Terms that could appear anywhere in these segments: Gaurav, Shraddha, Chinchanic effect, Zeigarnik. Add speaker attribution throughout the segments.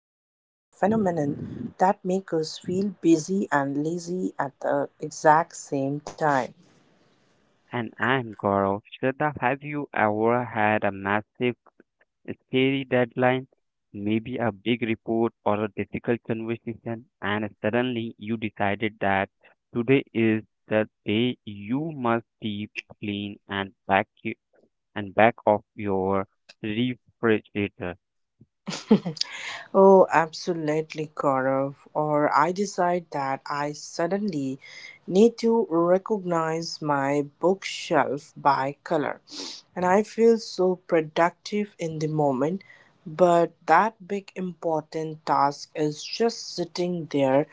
Speaker 1: phenomenon that make us feel busy and lazy at the exact same time.
Speaker 2: And I'm Gaurav. Shraddha, have you ever had a massive, scary deadline, maybe a big report or a difficult conversation, and suddenly you decided that today is the day you must deep clean and back you, and back off your refrigerator?
Speaker 1: Oh, absolutely, Gaurav. Or I decide that I suddenly need to recognize my bookshelf by color. And I feel so productive in the moment, but that big important task is just sitting there,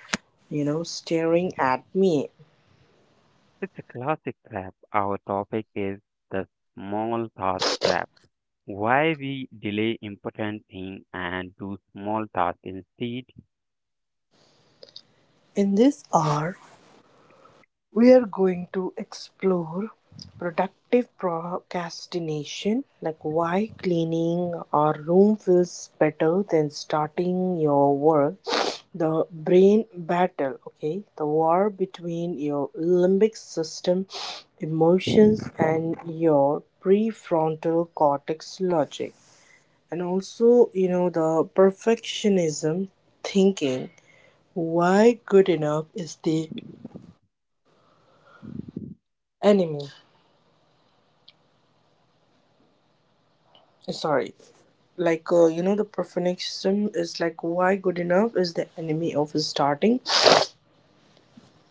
Speaker 1: you know, staring at me.
Speaker 2: It's a classic trap. Our topic is the small task trap. Why we delay important thing and do small task instead?
Speaker 1: In this hour, we are going to explore productive procrastination, like why cleaning our room feels better than starting your work. The brain battle, okay, the war between your limbic system, emotions, and your prefrontal cortex logic. And also, the perfectionism thinking why good enough is the enemy. Sorry. Like, the perfectionism is like why good enough is the enemy of starting.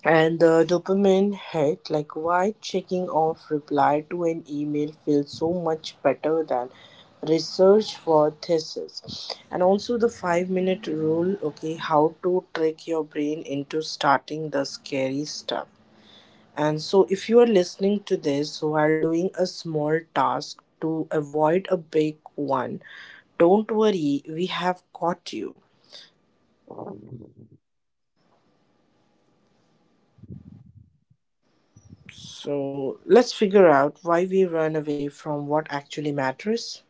Speaker 1: And the dopamine hit, like why checking off reply to an email feels so much better than research for thesis. And also the 5 minute rule, okay, how to trick your brain into starting the scary stuff. And so, if you are listening to this while doing a small task to avoid a big one, don't worry, we have caught you. So, let's figure out why we run away from what actually matters.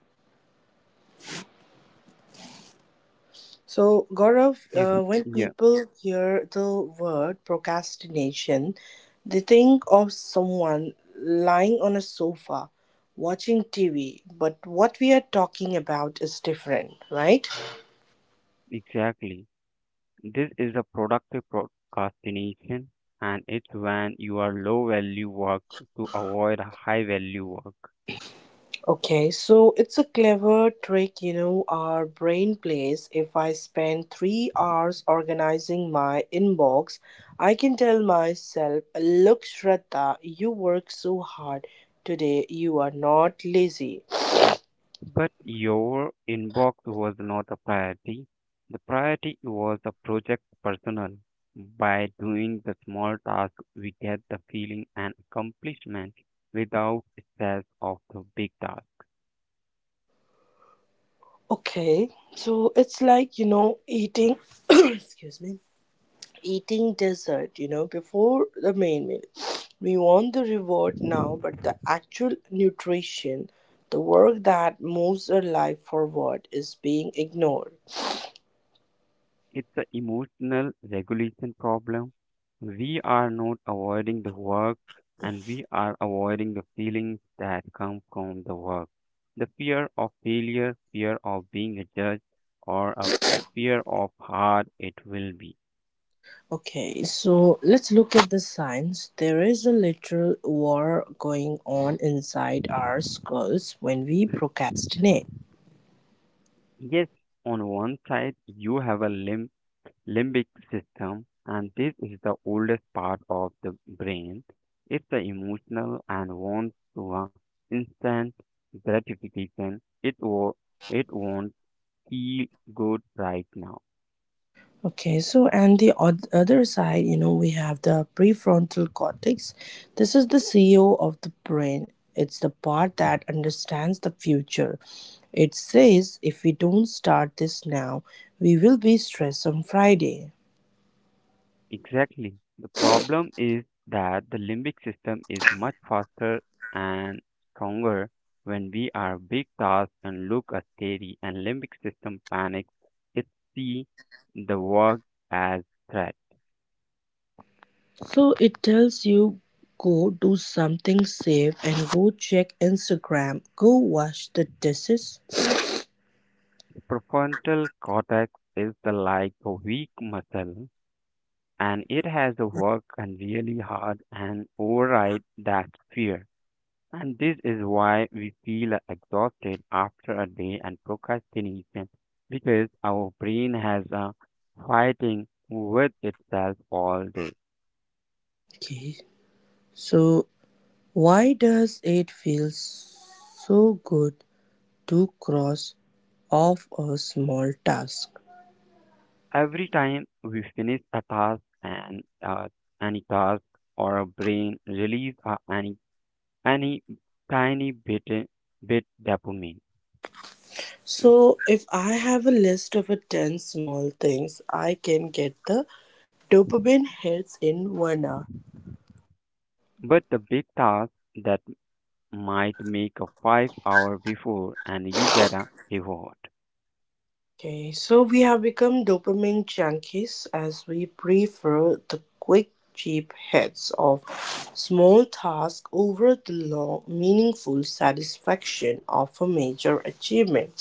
Speaker 1: So, Gaurav,
Speaker 2: If,
Speaker 1: when
Speaker 2: yeah,
Speaker 1: people hear the word procrastination, they think of someone lying on a sofa watching TV, but what we are talking about is different, right?
Speaker 2: exactly. This is a productive procrastination, and it's when you are low value work to avoid high value work.
Speaker 1: Okay, so it's a clever trick, our brain plays. If I spend 3 hours organizing my inbox, I can tell myself, look, Shraddha, you work so hard today, you are not lazy.
Speaker 2: But your inbox was not a priority. The priority was the project personal. By doing the small task, we get the feeling and accomplishment without stress of the big task.
Speaker 1: Okay, so it's like, eating, excuse me, eating dessert, before the main meal. We want the reward now, but the actual nutrition, the work that moves our life forward, is being ignored.
Speaker 2: It's an emotional regulation problem. We are not avoiding the work and we are avoiding the feelings that come from the work. The fear of failure, fear of being judged, or a fear of how it will be.
Speaker 1: Okay, so let's look at the science. There is a literal war going on inside our skulls when we procrastinate.
Speaker 2: Yes, on one side, you have a limit. Limbic system, and this is the oldest part of the brain. It's the emotional and wants to instant gratification. It wants feel good right now.
Speaker 1: Okay, so and the other side, we have the prefrontal cortex. This is the CEO of the brain. It's the part that understands the future. It says if we don't start this now, we will be stressed on Friday.
Speaker 2: Exactly, the problem is that the limbic system is much faster and stronger. When we are big tasks and look at theory and limbic system panics, it see the work as threat.
Speaker 1: So it tells you go do something safe and go check Instagram, go wash the dishes.
Speaker 2: Prefrontal cortex is the like a weak muscle, and it has to work and really hard and override that fear. And this is why we feel exhausted after a day and procrastination, because our brain has a fighting with itself all day.
Speaker 1: Okay, so why does it feel so good to cross off a small task.
Speaker 2: Every time we finish a task and any task or a brain release any tiny bit dopamine.
Speaker 1: So, if I have a list of a 10 small things, I can get the dopamine hits in 1 hour.
Speaker 2: But the big task that might make a 5 hour before and you get a reward.
Speaker 1: Okay, so we have become dopamine junkies as we prefer the quick, cheap hits of small tasks over the long, meaningful satisfaction of a major achievement.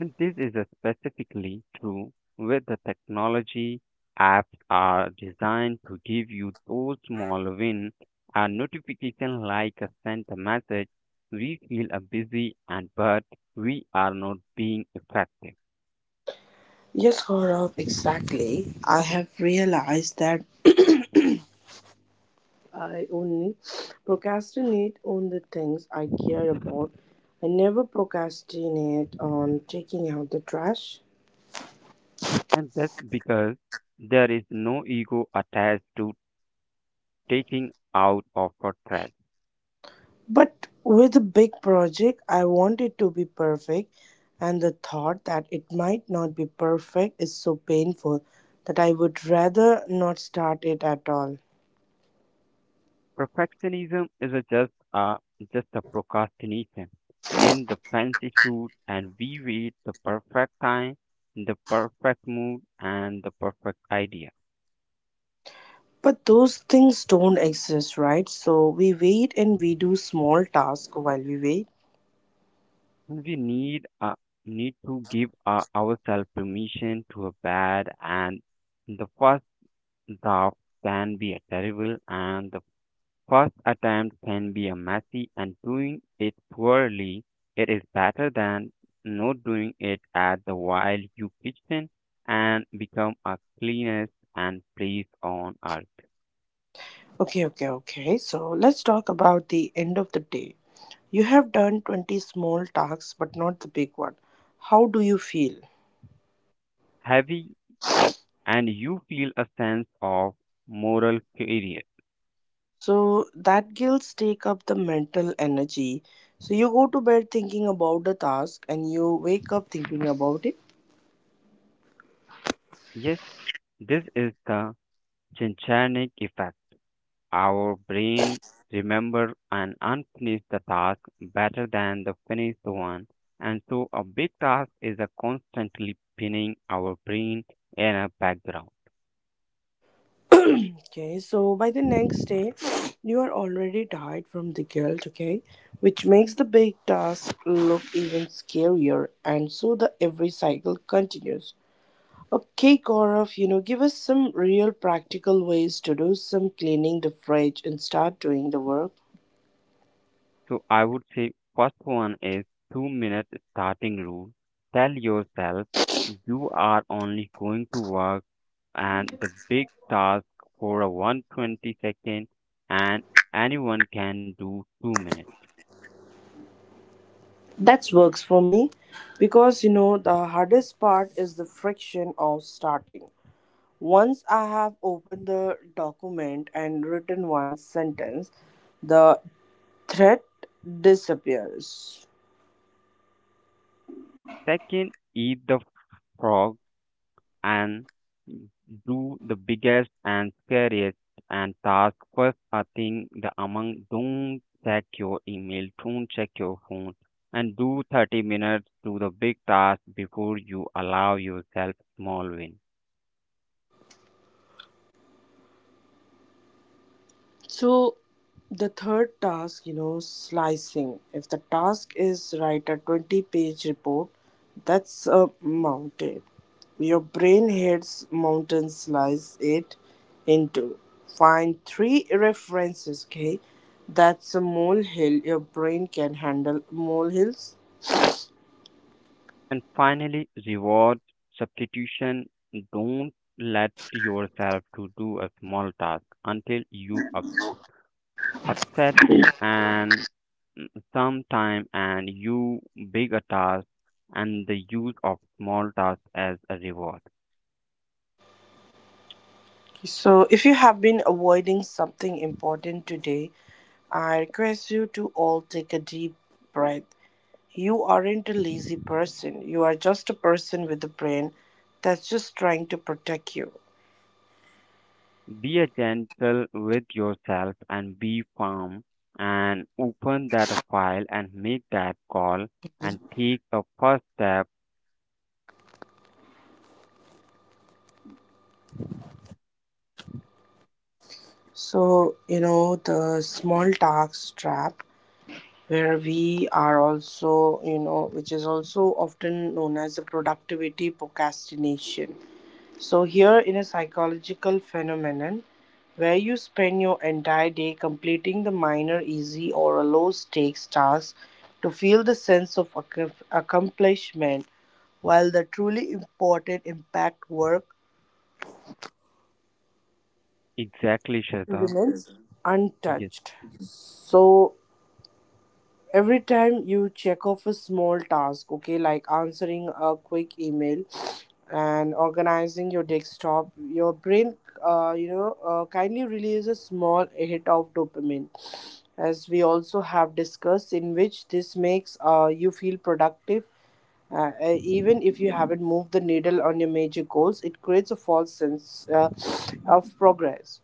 Speaker 2: And this is a specifically true with the technology. Apps are designed to give you those small win, a notification like a sent a message. We feel a busy and but we are not being effective.
Speaker 1: Yes, Gaurav, exactly. I have realized that I only procrastinate on the things I care about. I never procrastinate on taking out the trash.
Speaker 2: And that's because there is no ego attached to taking out of a threat.
Speaker 1: But with a big project, I want it to be perfect, and the thought that it might not be perfect is so painful that I would rather not start it at all.
Speaker 2: Perfectionism isn't just a procrastination. In the fancy suit, and we wait the perfect time, the perfect mood, and the perfect idea.
Speaker 1: But those things don't exist, right? So we wait and we do small tasks while we wait.
Speaker 2: We need to give ourselves permission to a bad, and the first draft can be a terrible, and the first attempt can be a messy and doing it poorly. It is better than not doing it at the while you kitchen and become a cleanest and place on earth.
Speaker 1: Okay, okay, okay. So let's talk about the end of the day. You have done 20 small tasks, but not the big one. How do you feel?
Speaker 2: Heavy, and you feel a sense of moral failure.
Speaker 1: So that guilt take up the mental energy. So you go to bed thinking about the task and you wake up thinking about it.
Speaker 2: Yes, this is the Chinchanic effect. Our brain remember an unfinished task better than the finished one, and so a big task is a constantly pinning our brain in a background.
Speaker 1: Okay, so by the next day, you are already tired from the guilt, okay? Which makes the big task look even scarier, and so the every cycle continues. Okay, Gaurav, give us some real practical ways to do some cleaning the fridge and start doing the work.
Speaker 2: So I would say first one is 2 minute starting rule. Tell yourself you are only going to work and the big task for a 120 second, and anyone can do 2 minutes.
Speaker 1: That works for me because, the hardest part is the friction of starting. Once I have opened the document and written one sentence, the threat disappears.
Speaker 2: Second, eat the frog and do the biggest and scariest and task first. I think the among, don't check your email, don't check your phone, and do 30 minutes to the big task before you allow yourself small win.
Speaker 1: So the third task, slicing. If the task is write a 20-page report, that's a mountain. Your brain heads mountain slice it into. Find three references, okay? That's a molehill. Your brain can handle molehills.
Speaker 2: And finally, reward substitution. Don't let yourself to do a small task until you upset and mm, sometime, and you big a task, and the use of small tasks as a reward.
Speaker 1: So, if you have been avoiding something important today, I request you to all take a deep breath. You aren't a lazy person. You are just a person with a brain that's just trying to protect you.
Speaker 2: Be a gentle with yourself and be firm, and open that file and make that call and take a first step.
Speaker 1: So, the small tax trap, where we are also, which is also often known as the productivity procrastination. So here in a psychological phenomenon where you spend your entire day completing the minor easy or a low stakes task to feel the sense of accomplishment while the truly important impact work
Speaker 2: Exactly, Shraddha.
Speaker 1: remains
Speaker 2: Yes.
Speaker 1: untouched. So every time you check off a small task, okay, like answering a quick email and organizing your desktop, your brain kindly releases a small hit of dopamine, as we also have discussed, in which this makes you feel productive, even if you haven't moved the needle on your major goals. It creates a false sense of progress.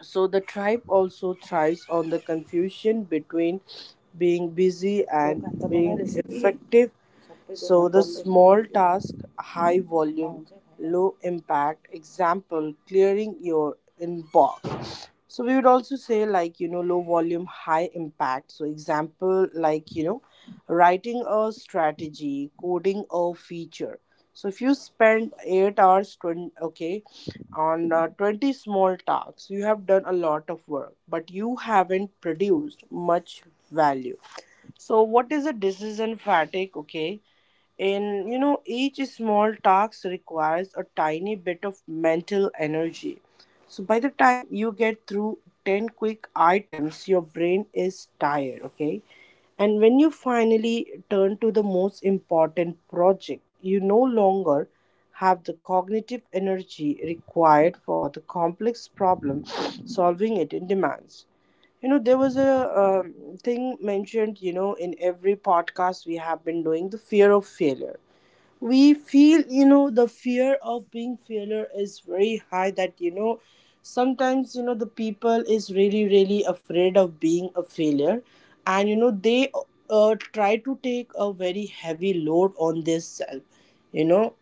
Speaker 1: So the tribe also thrives on the confusion between being busy and being effective. So the small task, high volume, low impact, example, clearing your inbox. So we would also say, like, low volume, high impact. So example, like, writing a strategy, coding a feature. So if you spend 8 hours, 20, okay, on 20 small tasks, you have done a lot of work, but you haven't produced much value. So what is a decision fatigue? Okay, and each small task requires a tiny bit of mental energy. So by the time you get through 10 quick items, your brain is tired, okay? And when you finally turn to the most important project, you no longer have the cognitive energy required for the complex problem solving it in demands. You know, there was a thing mentioned, in every podcast we have been doing, the fear of failure. We feel, the fear of being failure is very high that, sometimes, the people is really, really afraid of being a failure. And, they try to take a very heavy load on this self, you know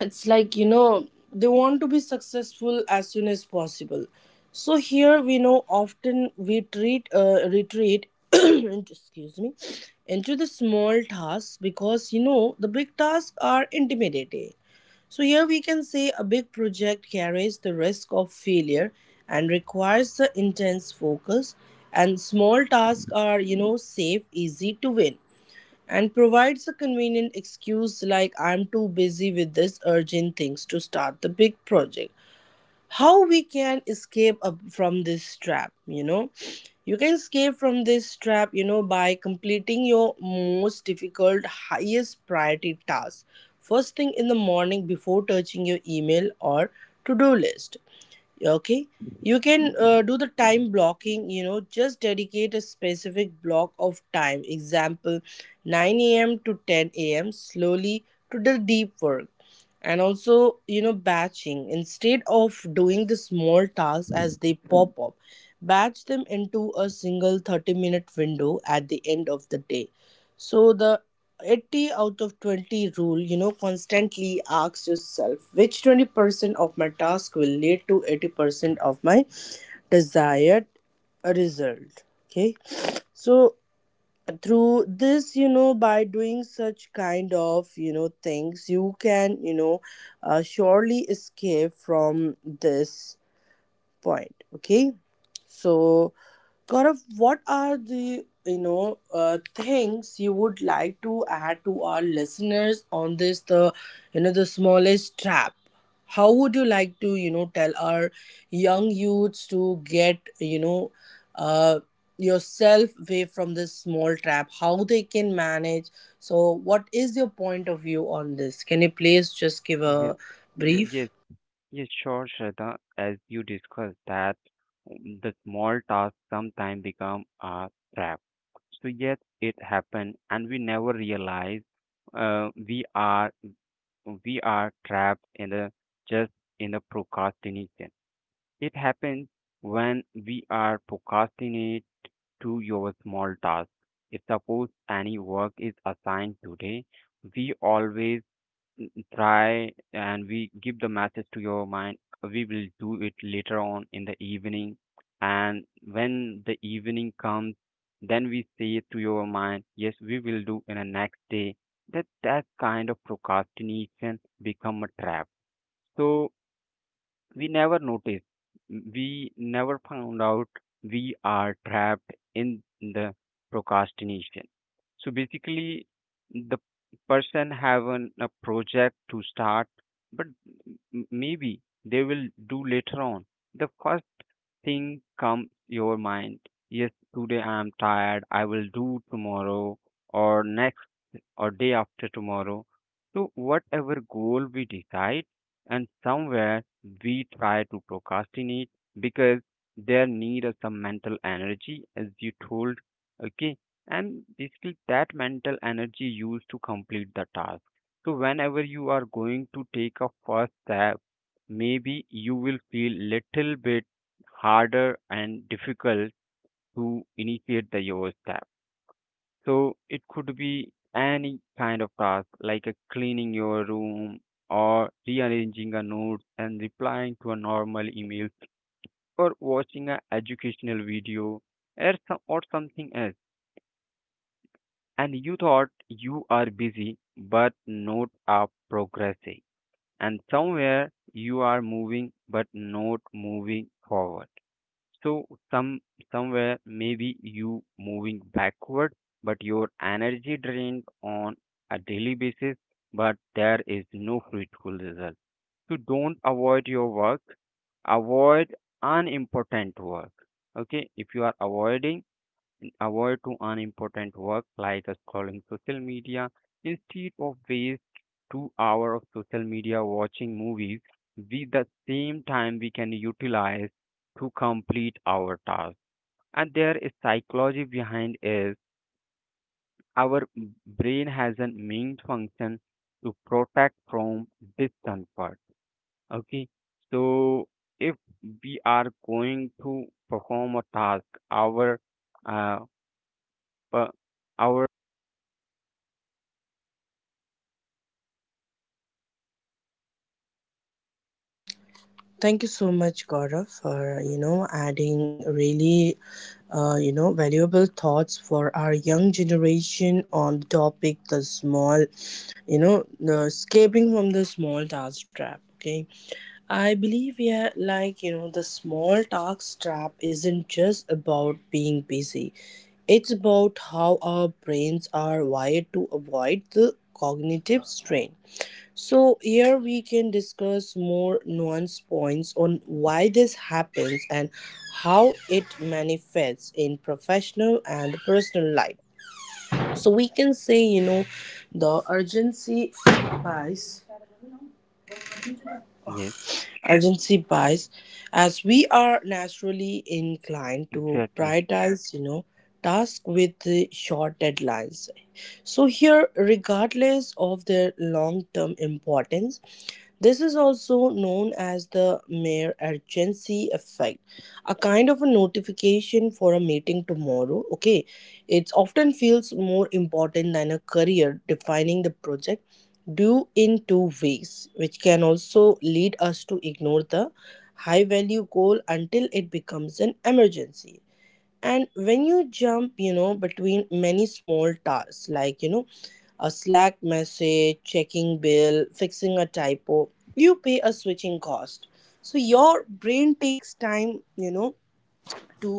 Speaker 1: it's like, they want to be successful as soon as possible. So here we know often we treat retreat excuse me, into the small tasks, because the big tasks are intimidating. So here we can say a big project carries the risk of failure and requires the intense focus, and small tasks are, safe, easy to win, and provides a convenient excuse, like, I'm too busy with this urgent things to start the big project. How we can escape up from this trap, You can escape from this trap, by completing your most difficult, highest priority task first thing in the morning before touching your email or to do list. Okay, you can do the time blocking, just dedicate a specific block of time, example 9 a.m. to 10 a.m., slowly to the deep work. And also, batching, instead of doing the small tasks as they pop up, batch them into a single 30-minute window at the end of the day. So, the 80 out of 20 rule, constantly ask yourself which 20% of my task will lead to 80% of my desired result. Okay, so through this, by doing such kind of things, you can, surely escape from this point. Okay, so, Gaurav, what are the, things you would like to add to our listeners on this, the, the smallest trap? How would you like to, tell our young youths to get, uh, yourself away from this small trap? How they can manage? So, what is your point of view on this? Can you please just give a
Speaker 2: Yeah.
Speaker 1: brief?
Speaker 2: Yes. Yeah, sure, Shraddha. As you discussed that the small tasks sometimes become a trap. So yes, it happened, and we never realize uh, we are we are trapped in the just in the procrastination. It happens when we are procrastinate to your small task. If suppose any work is assigned today, we always try and we give the message to your mind we will do it later on in the evening, and when the evening comes, then we say to your mind, yes, we will do in the next day. That kind of procrastination become a trap, so we never noticed. We never found out we are trapped in the procrastination. So basically, the person have a project to start, but maybe they will do later on. The first thing comes your mind. Yes, today I am tired. I will do tomorrow or next or day after tomorrow. So, whatever goal we decide, and somewhere we try to procrastinate because there need of some mental energy, as you told. Okay, and basically that mental energy used to complete the task. So, whenever you are going to take a first step, maybe you will feel little bit harder and difficult to initiate the your step. So it could be any kind of task like a cleaning your room, or rearranging a note, and replying to a normal email, or watching an educational video, or something else. And you thought you are busy but not are progressing. And somewhere you are moving but not moving forward. So some somewhere maybe you moving backward, but your energy drained on a daily basis, but there is no fruitful result. So don't avoid your work, avoid unimportant work. Okay, if you are avoiding, avoid to unimportant work like scrolling social media. Instead of waste 2 hour of social media watching movies, we the same time we can utilize to complete our task. And there is psychology behind is, our brain has a main function to protect from discomfort. Okay, so if we are going to perform a task, our uh per- our…
Speaker 1: Thank you so much, Gaurav, for adding really valuable thoughts for our young generation on the topic, the small, the escaping from the small task trap. Okay, I believe, yeah, like, the small task trap isn't just about being busy. It's about how our brains are wired to avoid the cognitive strain. So, here we can discuss more nuanced points on why this happens and how it manifests in professional and personal life. So, we can say, the urgency bias,
Speaker 2: Yes,
Speaker 1: urgency bias, as we are naturally inclined to
Speaker 2: exactly.
Speaker 1: prioritize, tasks with the short deadlines. So, here, regardless of their long term importance, this is also known as the mere urgency effect, a kind of a notification for a meeting tomorrow. Okay, it often feels more important than a career defining the project due in two ways, which can also lead us to ignore the high value goal until it becomes an emergency. And when you jump, between many small tasks, like, a Slack message, checking bill, fixing a typo. You pay a switching cost. So your brain takes time, to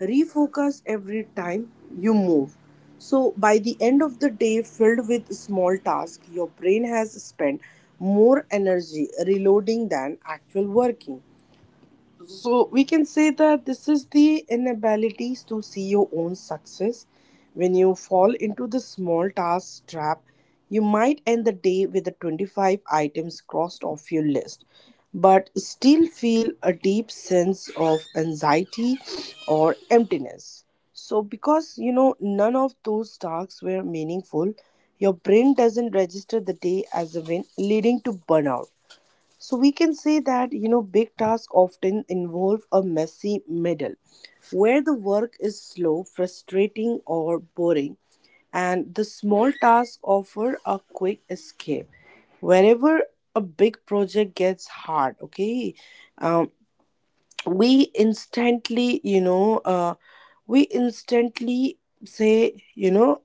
Speaker 1: refocus every time you move. So by the end of the day filled with small tasks, your brain has spent more energy reloading than actual working. So we can say that this is the inability to see your own success. When you fall into the small task trap, you might end the day with the 25 items crossed off your list, but still feel a deep sense of anxiety or emptiness. So, because none of those tasks were meaningful, your brain doesn't register the day as a win, leading to burnout. So we can say that big tasks often involve a messy middle where the work is slow, frustrating or boring, and the small tasks offer a quick escape. Wherever a big project gets hard, okay? Um, we instantly, you know, uh, we instantly say,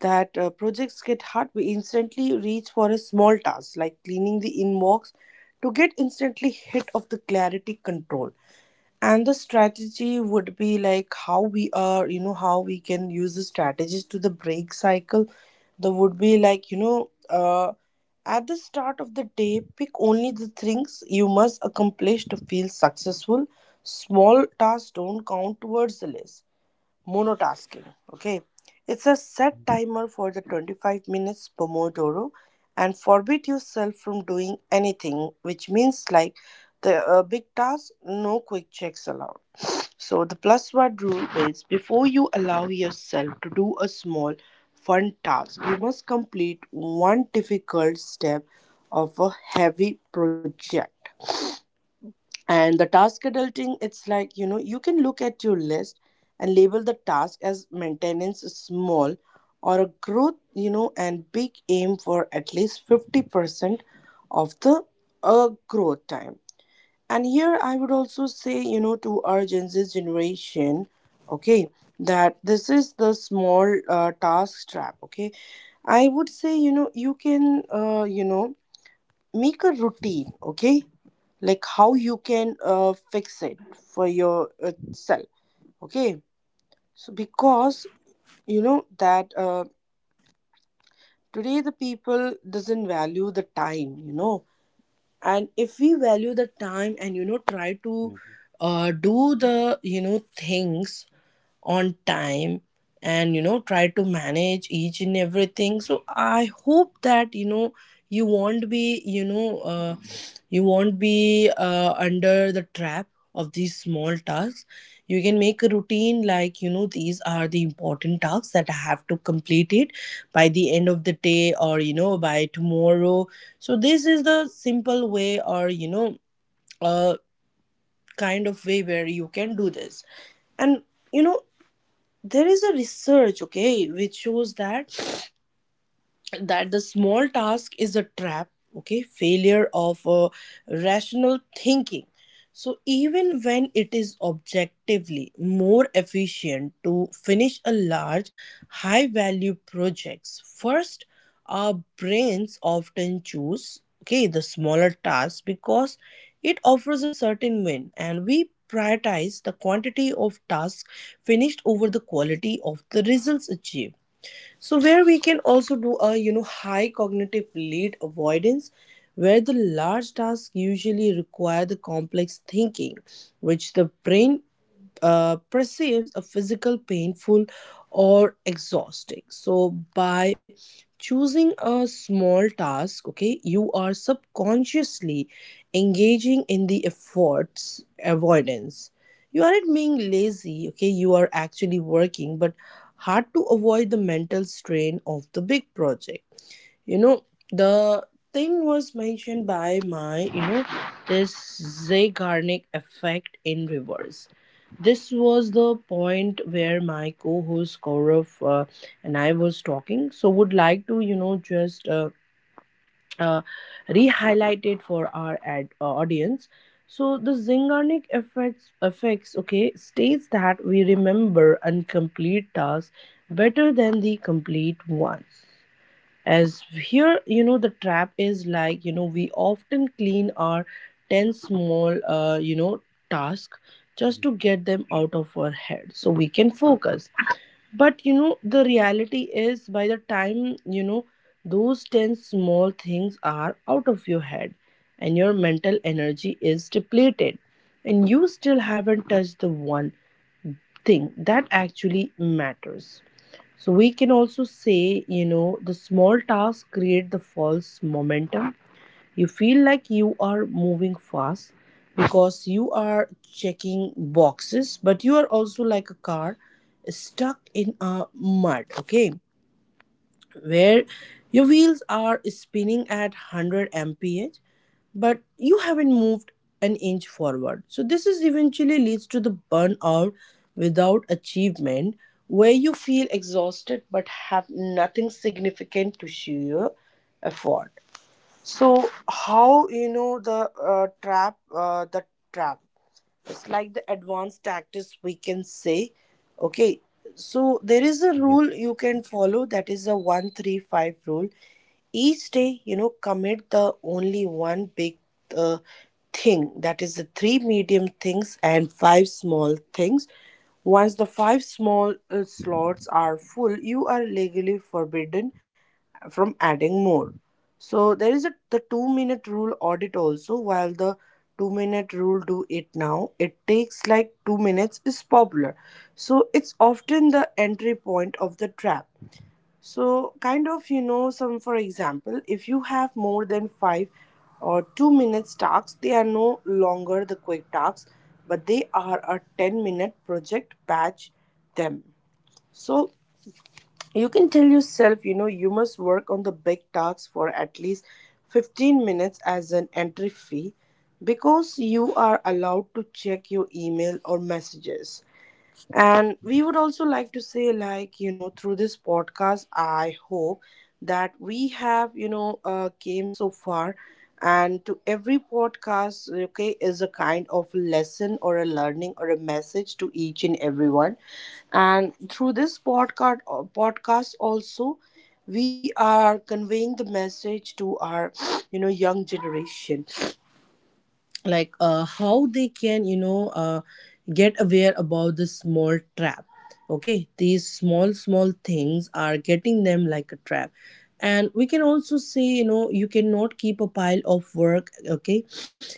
Speaker 1: that projects get hard, we instantly reach for a small task like cleaning the inbox to get instantly hit of the clarity control. And the strategy would be like how we are, how we can use the strategies to the break cycle. There would be like, at the start of the day, pick only the things you must accomplish to feel successful. Small tasks don't count towards the list monotasking. Okay, it's a set timer for the 25 minutes Pomodoro and forbid yourself from doing anything, which means like the big task, no quick checks allowed. So, the plus one rule is before you allow yourself to do a small fun task, you must complete one difficult step of a heavy project. And the task adulting, it's like, you can look at your list and label the task as maintenance is small or a growth, and big aim for at least 50% of the growth time. And here I would also say, to our Gen Z generation, okay, that this is the small task trap, okay. I would say, you can make a routine, okay, like how you can fix it for yourself, okay. So because that today the people doesn't value the time, and if we value the time and try to
Speaker 2: Mhm.
Speaker 1: do the things on time and try to manage each and everything, so I hope that you won't be you know you won't be under the trap of these small tasks. You can make a routine like these are the important tasks that I have to complete it by the end of the day or by tomorrow. So this is the simple way or a kind of way where you can do this. And you know there is a research, okay, which shows that the small task is a trap, okay. Failure of rational thinking. So even when it is objectively more efficient to finish a large high value projects first, our brains often choose, okay, the smaller task because it offers a certain win, and we prioritize the quantity of tasks finished over the quality of the results achieved. So where we can also do a high cognitive lead avoidance, where the large tasks usually require the complex thinking, which the brain perceives a physical painful or exhausting. So by choosing a small task, okay, you are subconsciously engaging in the efforts avoidance. You aren't being lazy, okay, you are actually working, but hard to avoid the mental strain of the big project. you know, the thing was mentioned by my, this Zeigarnik effect in reverse. This was the point where my co-host Gaurav and I was talking. So would like to, just uh, re-highlight it for our audience. So the Zeigarnik effects, okay, states that we remember incomplete tasks better than the complete ones. As here the trap is like we often clean our 10 small task
Speaker 2: Mhm.
Speaker 1: just to get them out of our head so we can focus. But the reality is, by the time those 10 small things are out of your head and your mental energy is depleted, and you still haven't touched the one thing that actually matters. So we can also say, the small tasks create the false momentum. You feel like you are moving fast because you are checking boxes, but you are also like a car stuck in a mud, okay? Where your wheels are spinning at 100 mph, but you haven't moved an inch forward. So this is eventually leads to the burnout without achievement, where you feel exhausted but have nothing significant to show your effort. So how the trap? The trap. It's like the advanced tactics, we can say. Okay, so there is a
Speaker 2: Yes.
Speaker 1: rule you can follow. That is the 1-3-5 rule. Each day, commit the only one big uh, thing. That is the three medium things and five small things. Once the five small slots are full, you are legally forbidden from adding more. So there is a the 2 minute rule audit also. While the 2 minute rule do it now, it takes like 2 minutes is popular. So it's often the entry point of the trap. So kind of some for example, if you have more than 5 or 2 minutes tasks, they are no longer the quick tasks, but they are a 10 minute project, batch them. So you can tell yourself, you must work on the big tasks for at least 15 minutes as an entry fee because you are allowed to check your email or messages. And we would also like to say, like, through this podcast, I hope that we have, came so far. And to every podcast, okay, is a kind of lesson or a learning or a message to each and everyone. And through this podcast, podcast also, we are conveying the message to our, young generation, like how they can get aware about the small trap, okay. These small small things are getting them like a trap. And we can also say, you cannot keep a pile of work, okay.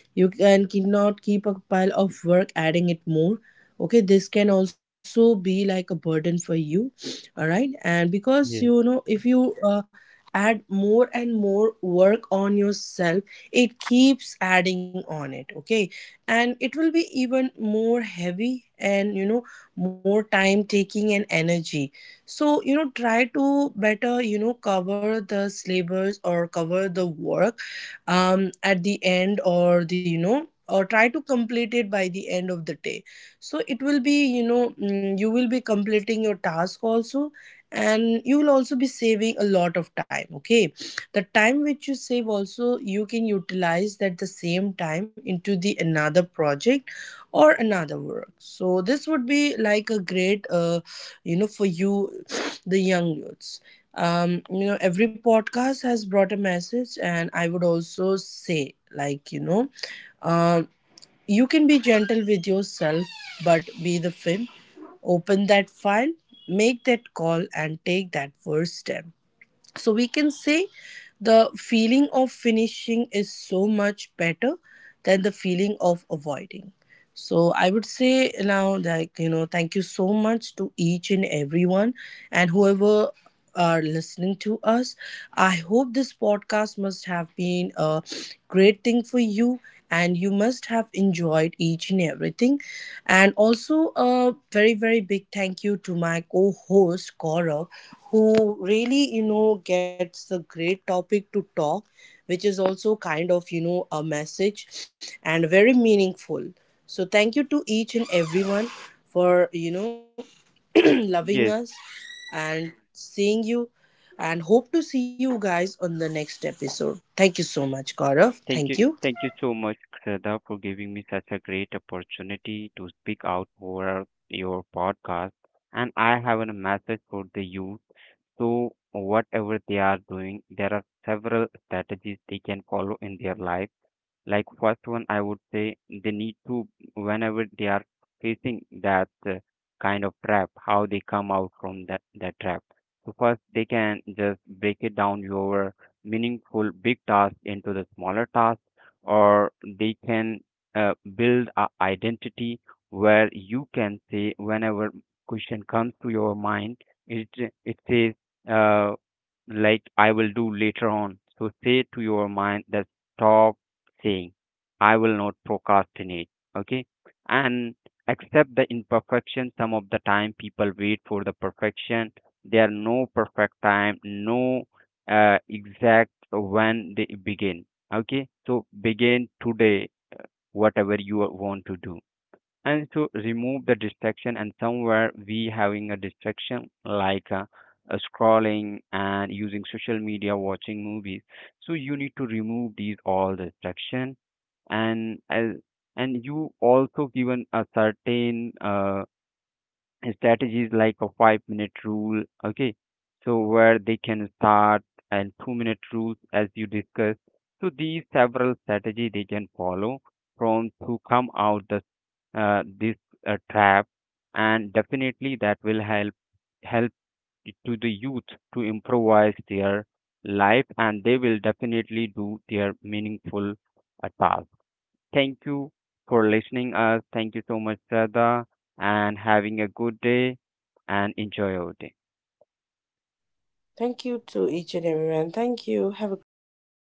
Speaker 1: you can cannot keep a pile of work adding it more, okay. This can also be like a burden for you, all right. And
Speaker 2: Yes,
Speaker 1: because if you add more and more work on yourself, it keeps adding on it, okay. And it will be even more heavy, and more time taking and energy. So try to better cover the syllabus or cover the work, at the end or the or try to complete it by the end of the day. So it will be you will be completing your task also, and you will also be saving a lot of time, okay. The time which you save also, you can utilize that the same time into the another project or another work. So this would be like a great, for you, the young youths. Every podcast has brought a message, and I would also say like, um you can be gentle with yourself, but be the film. Open that file, make that call, and take that first step. So we can say the feeling of finishing is so much better than the feeling of avoiding. So I would say now, like, thank you so much to each and everyone and whoever are listening to us. I hope this podcast must have been a great thing for you and you must have enjoyed each and everything. And also, a very, very big thank you to my co host, Gaurav, who really, gets the great topic to talk, which is also kind of, a message and very meaningful. So thank you to each and everyone for loving us
Speaker 2: yes,
Speaker 1: and seeing you and hope to see you guys on the next episode. Thank you so much, Gaurav.
Speaker 2: thank
Speaker 1: Thank
Speaker 2: you
Speaker 1: you.
Speaker 2: thank you so much, Shraddha, for giving me such a great opportunity to speak out over your podcast. And I have a message for the youth. So, whatever they are doing, there are several strategies they can follow in their life. Like, first one I would say, they need to, whenever they are facing that kind of trap, how they come out from that trap. So first, they can just break it down your meaningful big task into the smaller task, or they can build a identity, where you can say, whenever question comes to your mind, it it says uh, like, I will do later on. So say to your mind that, stop saying, I will not procrastinate. Okay. And accept the imperfection. Some of the time people wait for the perfection. There are no perfect time, no exact when they begin. Okay. So begin today, whatever you want to do, and to remove the distraction. And somewhere we having a distraction like scrolling and using social media watching movies. So you need to remove these all distraction. And as and you also given a certain strategies like a 5 minute rule, okay, so where they can start, and 2 minute rules, as you discussed. So these several strategy they can follow from, to come out the this trap. And definitely that will help to the youth to improvise their life, and they will definitely do their meaningful task. Thank you for listening us. Thank you so much, Sada, and having a good day and enjoy your day.
Speaker 1: Thank you to each and everyone. Thank you. Have a great day.